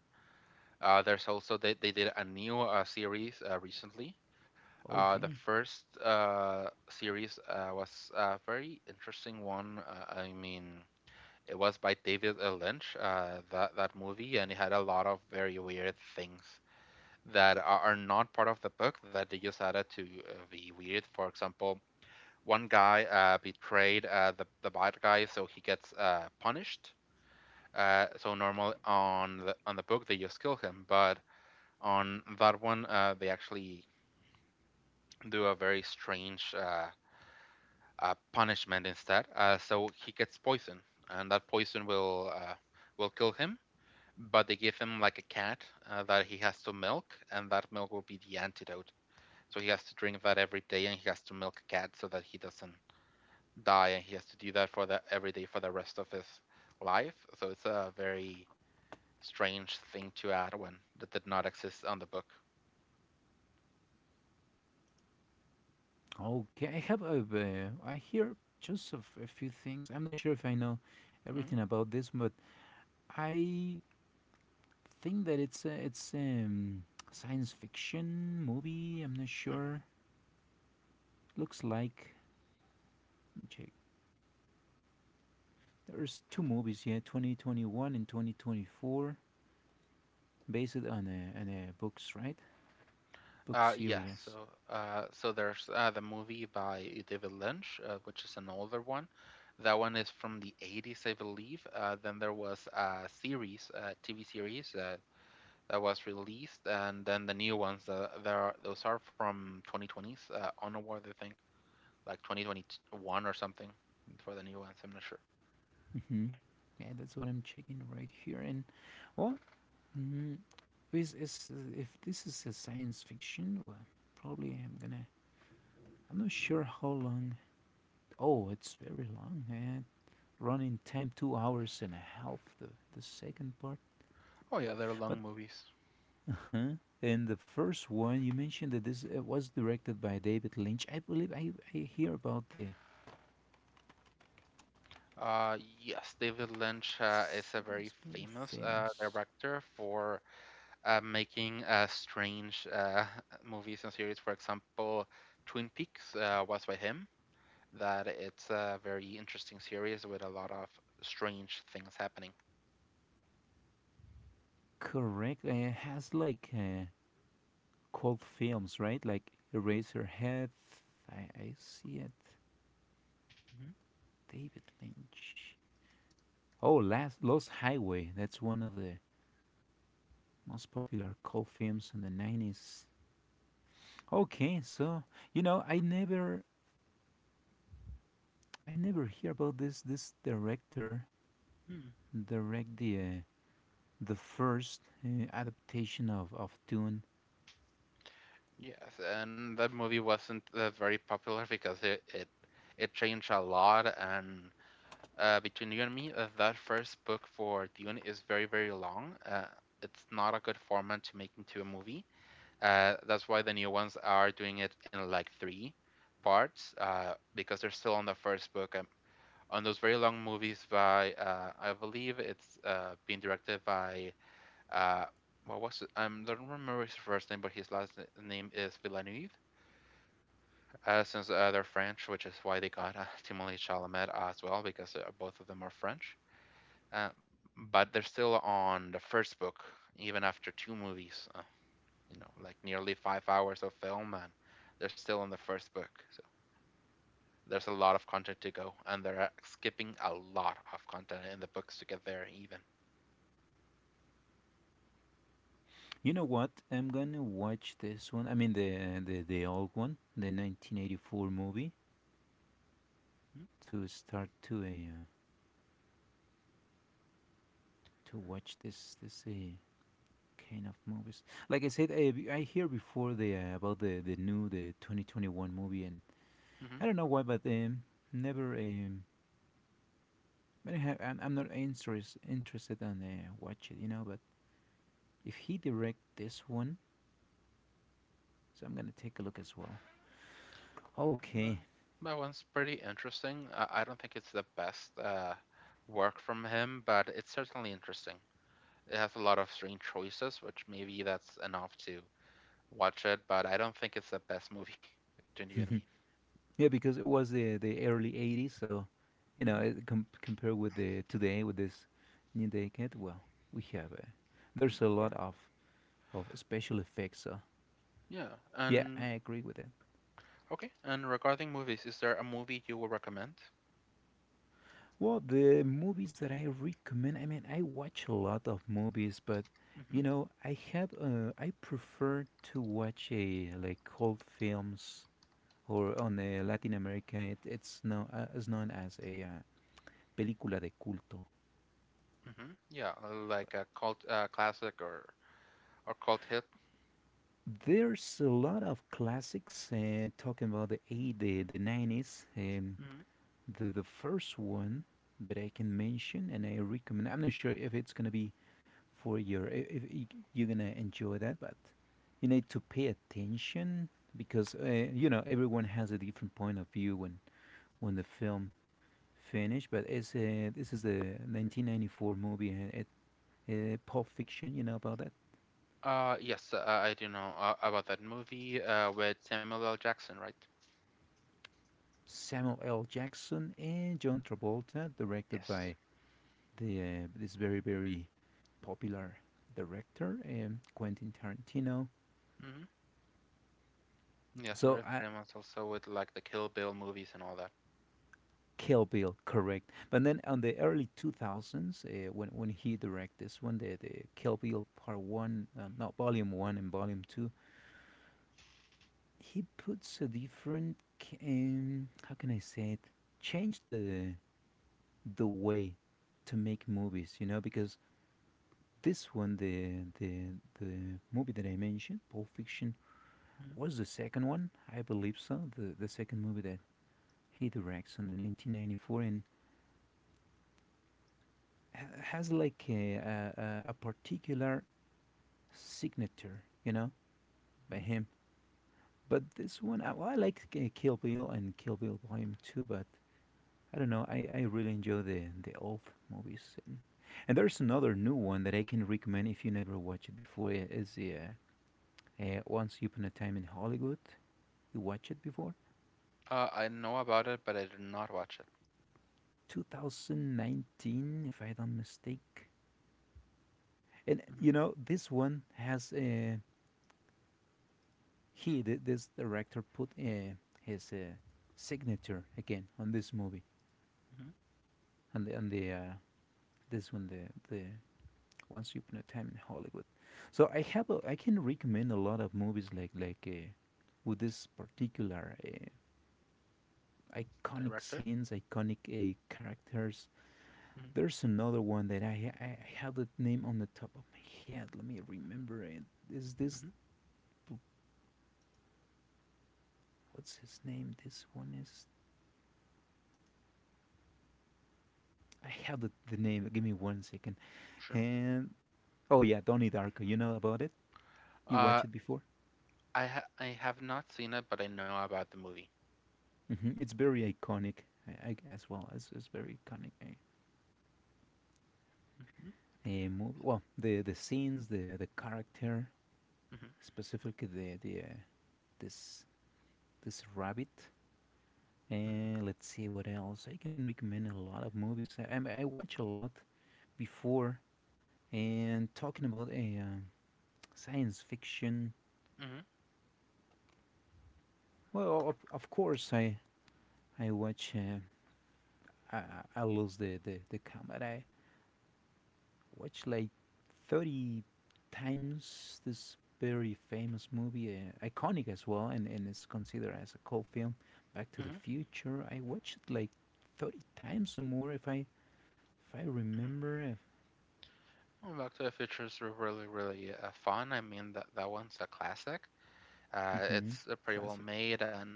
Speaker 1: there's also they did a new series recently. The
Speaker 2: Okay.
Speaker 1: first series was a very interesting one. I mean, it was by David Lynch, that movie, and it had a lot of very weird things that are not part of the book that they just added to be weird. For example, one guy betrayed the bad guy, so he gets punished. So normally on the book they just kill him, but on that one they actually do a very strange punishment instead. So he gets poison, and that poison will kill him. But they give him like a cat that he has to milk, and that milk will be the antidote. So he has to drink that every day, and he has to milk a cat so that he doesn't die and he has to do that for the every day for the rest of his life. So it's a very strange thing to add when that did not exist on the book.
Speaker 2: Okay, I have a, I hear just a few things. I'm not sure if I know
Speaker 1: Mhm.
Speaker 2: everything about this, but I think that it's it's science fiction movie. I'm not
Speaker 1: Hmm.
Speaker 2: sure. Looks like let me check. There's two movies, yeah, 2021 and 2024, based on on a books, right? Book
Speaker 1: Yes, so
Speaker 2: series.
Speaker 1: uh, so there's the movie by David Lynch, which is an older one. That one is from the 80s, I believe. Then there was a TV series that was released, and then the new ones. Those are from 2020s onward, I think. Like 2021 or something for the new ones. I'm not sure.
Speaker 2: Mm-hmm. Yeah, that's what I'm checking right here. And well, mm, is if this is a science fiction, well, probably I'm gonna I'm not sure how long. Oh, it's very long. It run in time 2 hours and a half. The second part,
Speaker 1: Oh yeah, they're
Speaker 2: but
Speaker 1: long movies.
Speaker 2: uh-huh. In the first one you mentioned that this was directed by David Lynch. I believe I hear about the.
Speaker 1: Yes, David Lynch
Speaker 2: It's,
Speaker 1: is a very
Speaker 2: very
Speaker 1: famous
Speaker 2: famous.
Speaker 1: director for making strange movies and series. For example, Twin Peaks was by him. That it's a very interesting series with a lot of strange things happening.
Speaker 2: Correct. It has like cult films, right? Like Eraserhead. I see it.
Speaker 1: Mm-hmm.
Speaker 2: David Lynch. Oh, last Lost Highway. That's one of the most popular cult films in the 90s. Okay, so you know, I never hear about this director
Speaker 1: Hmm.
Speaker 2: direct the first adaptation of Dune.
Speaker 1: Yes, and that movie wasn't very popular because it changed a lot and between you and me, that first book for Dune is very, very long. It's not a good format to make into a movie. That's why the new ones are doing it in like three parts because they're still on the first book. On those very long movies by, I believe it's being directed by, uh, what was it? I don't remember his first name, but his last name is Villeneuve. Since they're French, which is why they got Timothée Chalamet as well, because both of them are French. Uh, but they're still on the first book, even after two movies, like nearly 5 hours of film, and they're still on the first book. So there's a lot of content to go, and they're skipping a lot of content in the books to get there, even.
Speaker 2: You know what? I'm gonna watch this one. I mean the old one, the 1984 movie, to start to a to watch this kind of movies. Like I said, I hear before the about the new the 2021 movie, and
Speaker 1: Mm-hmm.
Speaker 2: I don't know why, but never I don't have, I'm not interested on watch it, you know. But if he direct this one, so I'm gonna take a look as well. Okay,
Speaker 1: That one's pretty interesting. I don't think it's the best work from him, but it's certainly interesting. It has a lot of strange choices, which maybe that's enough to watch it, but I don't think it's the best movie between you and me.
Speaker 2: yeah, because it was the early '80s, so you know,
Speaker 1: Hmm.
Speaker 2: compared with the today with this new decade, well, we have there's a lot
Speaker 1: Sure.
Speaker 2: of special effects. So
Speaker 1: Yeah.
Speaker 2: yeah, I
Speaker 1: And
Speaker 2: agree with it.
Speaker 1: okay. And regarding movies, is there a movie you will recommend?
Speaker 2: Well, the movies that I recommend, I mean, I watch a lot of movies, but
Speaker 1: Mm-hmm.
Speaker 2: you know, I have I prefer to watch a like old films or on Latin America, it's known is known as a película de culto.
Speaker 1: Mm-hmm. Yeah, like a cult classic or cult hit.
Speaker 2: There's a lot of classics talking about the 90s.
Speaker 1: Hmm.
Speaker 2: The first one that I can mention and I recommend, I'm not sure if it's going to be for your if you're gonna enjoy that but you need to pay attention because you know everyone has a different point of view when the film finished but this is a 1994 movie and it pulp fiction you know about that
Speaker 1: Yes, I do know about that movie with Samuel L. Jackson, right?
Speaker 2: samuel l jackson and john travolta directed
Speaker 1: Yes.
Speaker 2: by the this very very popular director quentin tarantino
Speaker 1: Mm-hmm. Yes,
Speaker 2: so
Speaker 1: very
Speaker 2: I,
Speaker 1: famous also with like the Kill Bill movies and all that.
Speaker 2: Kill Bill, correct. But then on the early 2000s, when he directed this one, the Kill Bill Part One, not Volume One and Volume Two, he puts a different, how can I say it? Change the way to make movies, you know, because this one, the the movie that I mentioned, Pulp Fiction, was the second one, I believe so. The second movie that he directs in the 1994, and has like particular signature, you know, by
Speaker 1: Mm-hmm.
Speaker 2: him. But this one, I, well, I like Kill Bill and Kill Bill Volume 2, but I don't know, I really enjoy the old movies. And there's another new one that I can recommend if you never watched it before. It's Once Upon a Time in Hollywood. You watched it before?
Speaker 1: I know about it, but I did not watch it.
Speaker 2: 2019, if I don't mistake. And
Speaker 1: Mm-hmm.
Speaker 2: this one has this director, put his signature again on this movie,
Speaker 1: Mm-hmm.
Speaker 2: on the this one, the Once Upon a Time in Hollywood. So I can recommend a lot of movies like with this particular iconic
Speaker 1: Director?
Speaker 2: scenes, iconic characters.
Speaker 1: Mm-hmm.
Speaker 2: There's another one that I have the name on the top of my head. Let me remember it. Is this what's his name? This one is. I have the name. Give me 1 second.
Speaker 1: Sure.
Speaker 2: And Oh yeah, Donnie Darko. You know about it? You
Speaker 1: Uh,
Speaker 2: watched it before?
Speaker 1: I have not seen it, but I know about the movie.
Speaker 2: Hmm It's very iconic I as well. It's very iconic. A,
Speaker 1: Mhm,
Speaker 2: a movie. Well, the scenes, the character, specifically the this this rabbit. And let's see what else. I can recommend a lot of movies. I watch a lot before. And talking about a science fiction. Well, of course I watch. I I lose the count, but I watched like 30 times this very famous movie, iconic as well, and it's considered as a cult film. Back to the
Speaker 1: mhm,
Speaker 2: Future, I watched it like 30 times or more if I
Speaker 1: mhm.
Speaker 2: remember. If,
Speaker 1: Well, Back to the Future's were really, really fun. I mean, that one's a classic.
Speaker 2: hmm
Speaker 1: It's pretty well
Speaker 2: classic.
Speaker 1: made, and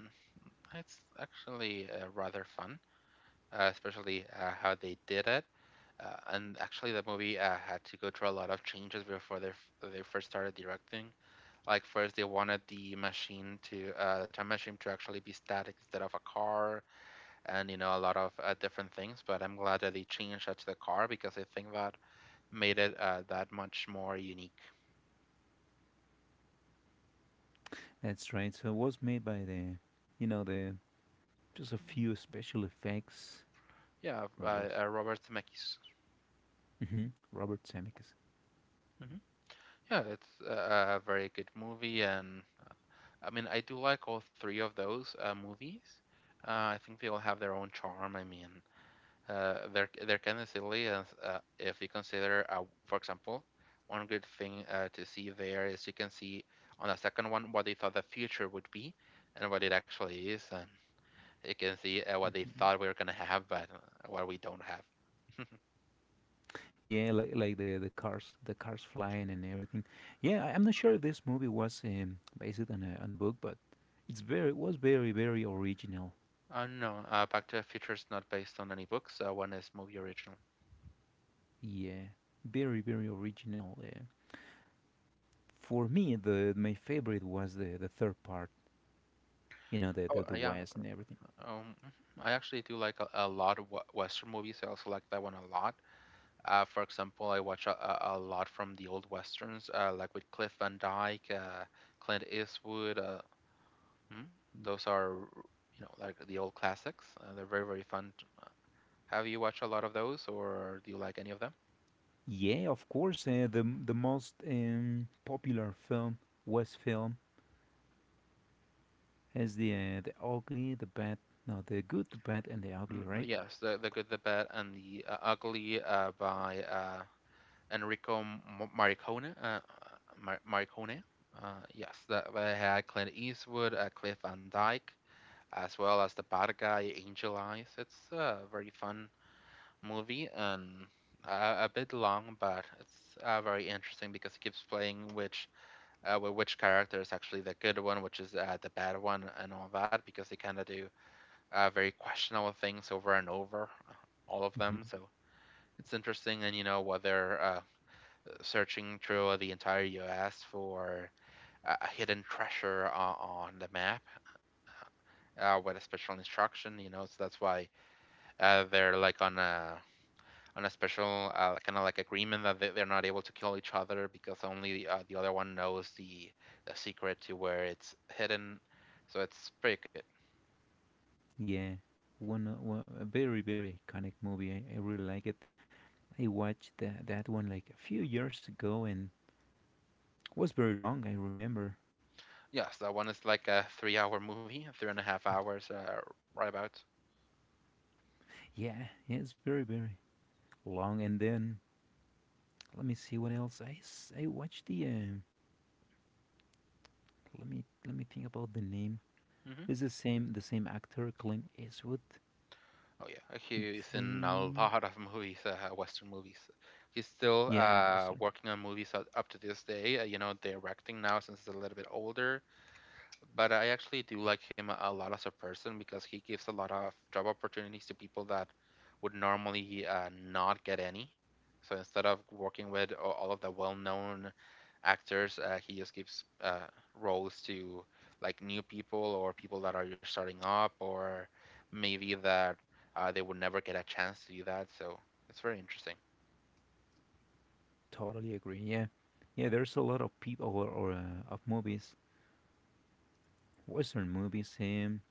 Speaker 1: it's actually rather fun, especially how they did it. And actually, the movie had to go through a lot of changes before they first started directing. Like first, they wanted the time machine to actually be static instead of a car. And a lot of different things. But I'm glad that they changed that to the car because I think that made it that much more unique.
Speaker 2: That's right. So it was made by the, you know, the just a few special effects.
Speaker 1: Yeah,
Speaker 2: That was
Speaker 1: Robert Zemeckis.
Speaker 2: hmm Robert Zemeckis.
Speaker 1: Hmm. Yeah, it's a very good movie, and I mean I do like all three of those movies. I think they all have their own charm. I mean, they're kind of silly, and if you consider, for example, one good thing to see there is you can see on the second one what they thought the future would be and what it actually is, and you can see what they
Speaker 2: Hmm
Speaker 1: thought we were gonna have, but what we don't have.
Speaker 2: Yeah, like the cars flying and everything. Yeah, I- I'm not sure if this movie was based on a book, but it's very was very, very original.
Speaker 1: No, Back to the Future is not based on any books. One is movie original.
Speaker 2: Yeah, very, very original. Yeah. For me, the my favorite was the third part. You know,
Speaker 1: Oh,
Speaker 2: the
Speaker 1: yeah,
Speaker 2: West and everything.
Speaker 1: mhm. I actually do like a lot of Western movies. I also like that one a lot. For example, I watch a lot from the old westerns, like with Cliff Van Dyke, Clint Eastwood. Mm, those are like the old classics. They're very very fun. Have you watched a lot of those, or do you like any of them?
Speaker 2: Yeah, of course. The most popular film, West film, has the ugly, the bad, no, the good, the bad, and the ugly, right?
Speaker 1: Yes, the good, the bad, and the ugly by Enrico M- Morricone. Morricone. Yes, that they had Clint Eastwood, Cliff Van Dyke, as well as the bad guy Angel Eyes. It's a very fun movie and a bit long, but it's very interesting because it keeps playing which character is actually the good one, which is the bad one, and all that because they kind of do very questionable things over and over, all of
Speaker 2: hmm
Speaker 1: them. So it's interesting, and you know whether searching through the entire U.S. for a hidden treasure on the map with a special instruction. So that's why they're like on a special kind of like agreement that they're not able to kill each other because only the other one knows the secret to where it's hidden. So it's pretty good.
Speaker 2: Yeah, one a very, very iconic movie. I really like it. I watched that one like a few years ago and was very long. I remember.
Speaker 1: Yes, that one is like a 3-hour movie, three and a half hours, right about.
Speaker 2: Yeah, yeah, it's very, very long. And then let me see what else. I watched the. Let me think about the name.
Speaker 1: Hmm.
Speaker 2: It's the same actor Clint Eastwood.
Speaker 1: Oh yeah, he's in a
Speaker 2: The
Speaker 1: lot of movies, Western movies. He's still
Speaker 2: yeah, Western.
Speaker 1: working on movies up to this day. You know, directing now since he's a little bit older. But I actually do like him a lot as a person because he gives a lot of job opportunities to people that would normally not get any. So instead of working with all of the well-known actors, he just gives roles to like new people or people that are just starting up or maybe that they would never get a chance to do that. So it's very interesting.
Speaker 2: Totally agree. Yeah, yeah. There's a lot of people, or of movies, Western movies. Him.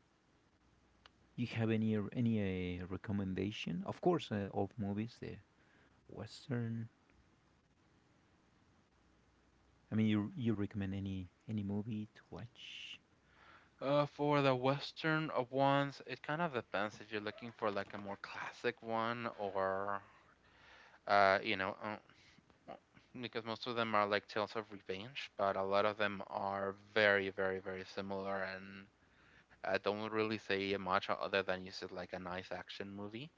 Speaker 2: You have any any recommendation? Of course, of movies, the Western. I mean, you recommend any movie to watch?
Speaker 1: For the Western ones, it kind of depends if you're looking for like a more classic one or uh, you know, uh, well, because most of them are like tales of revenge, but a lot of them are very, very, very similar and don't really say much other than you said like a nice action movie.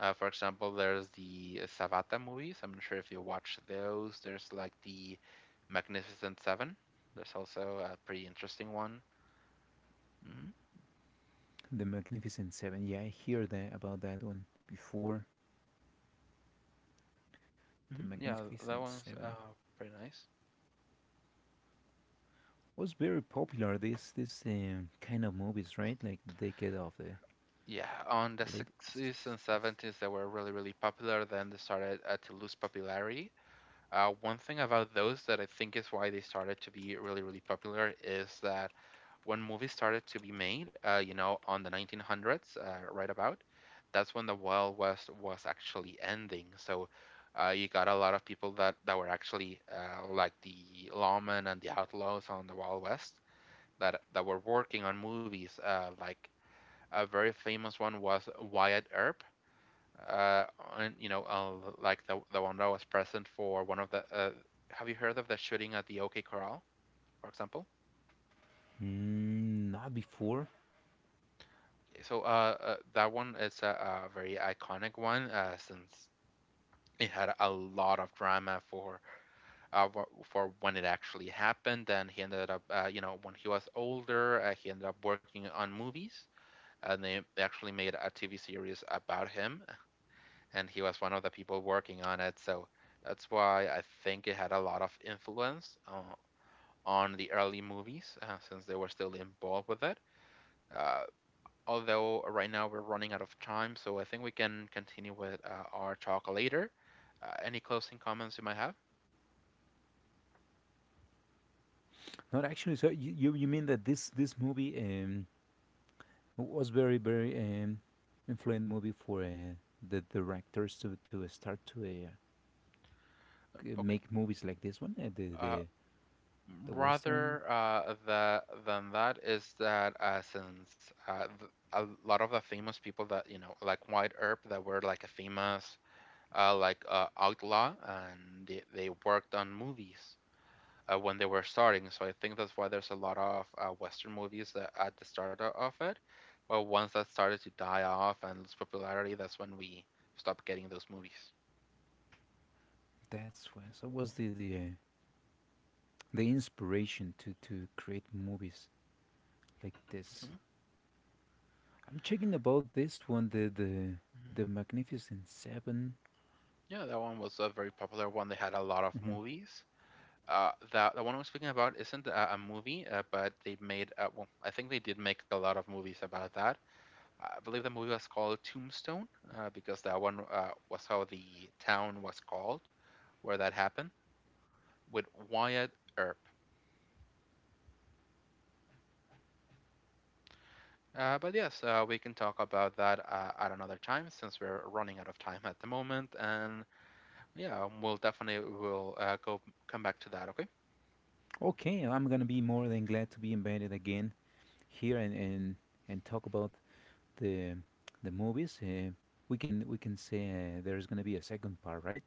Speaker 1: For example, there's the Savata movies. I'm not sure if you watch those. There's like the Magnificent Seven. There's also a pretty interesting one. Hmm
Speaker 2: The Magnificent Seven. Yeah, I hear that about that one before. The
Speaker 1: hmm Yeah, that
Speaker 2: Magnificent
Speaker 1: one's
Speaker 2: Seven
Speaker 1: pretty nice.
Speaker 2: was very popular. This kind of movies, right? Like the decade of the
Speaker 1: Yeah, on the
Speaker 2: late
Speaker 1: 60s and
Speaker 2: sixties.
Speaker 1: 70s, they were really, really popular. Then they started to lose popularity. One thing about those that I think is why they started to be really, really popular is that when movies started to be made, on the 1900s, right about, that's when the Wild West was actually ending. So you got a lot of people that were actually like the lawmen and the outlaws on the Wild West that were working on movies like a very famous one was Wyatt Earp, uh, and you know, like the one that was present for one of the. Have you heard of the shooting at the OK Corral, for example?
Speaker 2: Mm, not before.
Speaker 1: So that one is a very iconic one since it had a lot of drama uh, for when it actually happened. And he ended up, when he was older, he ended up working on movies, and they actually made a TV series about him, and he was one of the people working on it. So that's why I think it had a lot of influence on the early movies since they were still involved with it. Uh, although right now we're running out of time, so I think we can continue with our talk later. Any closing comments you might have?
Speaker 2: Not actually. So you mean that this movie. It was very, very influent movie for the directors to start to
Speaker 1: Okay.
Speaker 2: make movies like this one,
Speaker 1: Uh,
Speaker 2: the western.
Speaker 1: rather than that is that a lot of the famous people that you know, like Wyatt Earp, that were like a famous Outlaw, and they worked on movies when they were starting. So I think that's why there's a lot of Western movies that at the start of it. But once that started to die off and lose popularity, that's when we stopped getting those movies.
Speaker 2: That's why so was the inspiration to create movies like this.
Speaker 1: Hmm
Speaker 2: I'm checking about this one, the Magnificent 7.
Speaker 1: Yeah, that one was a very popular one. They had a lot of
Speaker 2: Mhm.
Speaker 1: movies. That the one I'm speaking about isn't a movie, but they made I think they did make a lot of movies about that. I believe the movie was called Tombstone because that one was how the town was called where that happened with Wyatt Earp. But yes, we can talk about that at another time since we're running out of time at the moment. And yeah, we'll definitely will go come back to that. Okay.
Speaker 2: Okay, I'm gonna be more than glad to be invited again here and talk about the movies. We can say there is going to be a second part, right?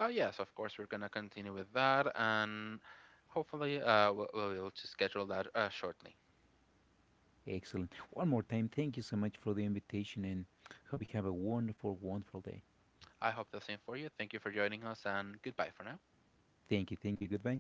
Speaker 1: Yes, of course we're gonna continue with that, and hopefully we'll be able to schedule that shortly.
Speaker 2: Excellent. One more time, thank you so much for the invitation, and hope you have a wonderful, wonderful day.
Speaker 1: I hope the same for you. Thank you for joining us, and goodbye for now.
Speaker 2: Thank you, thank you. Goodbye.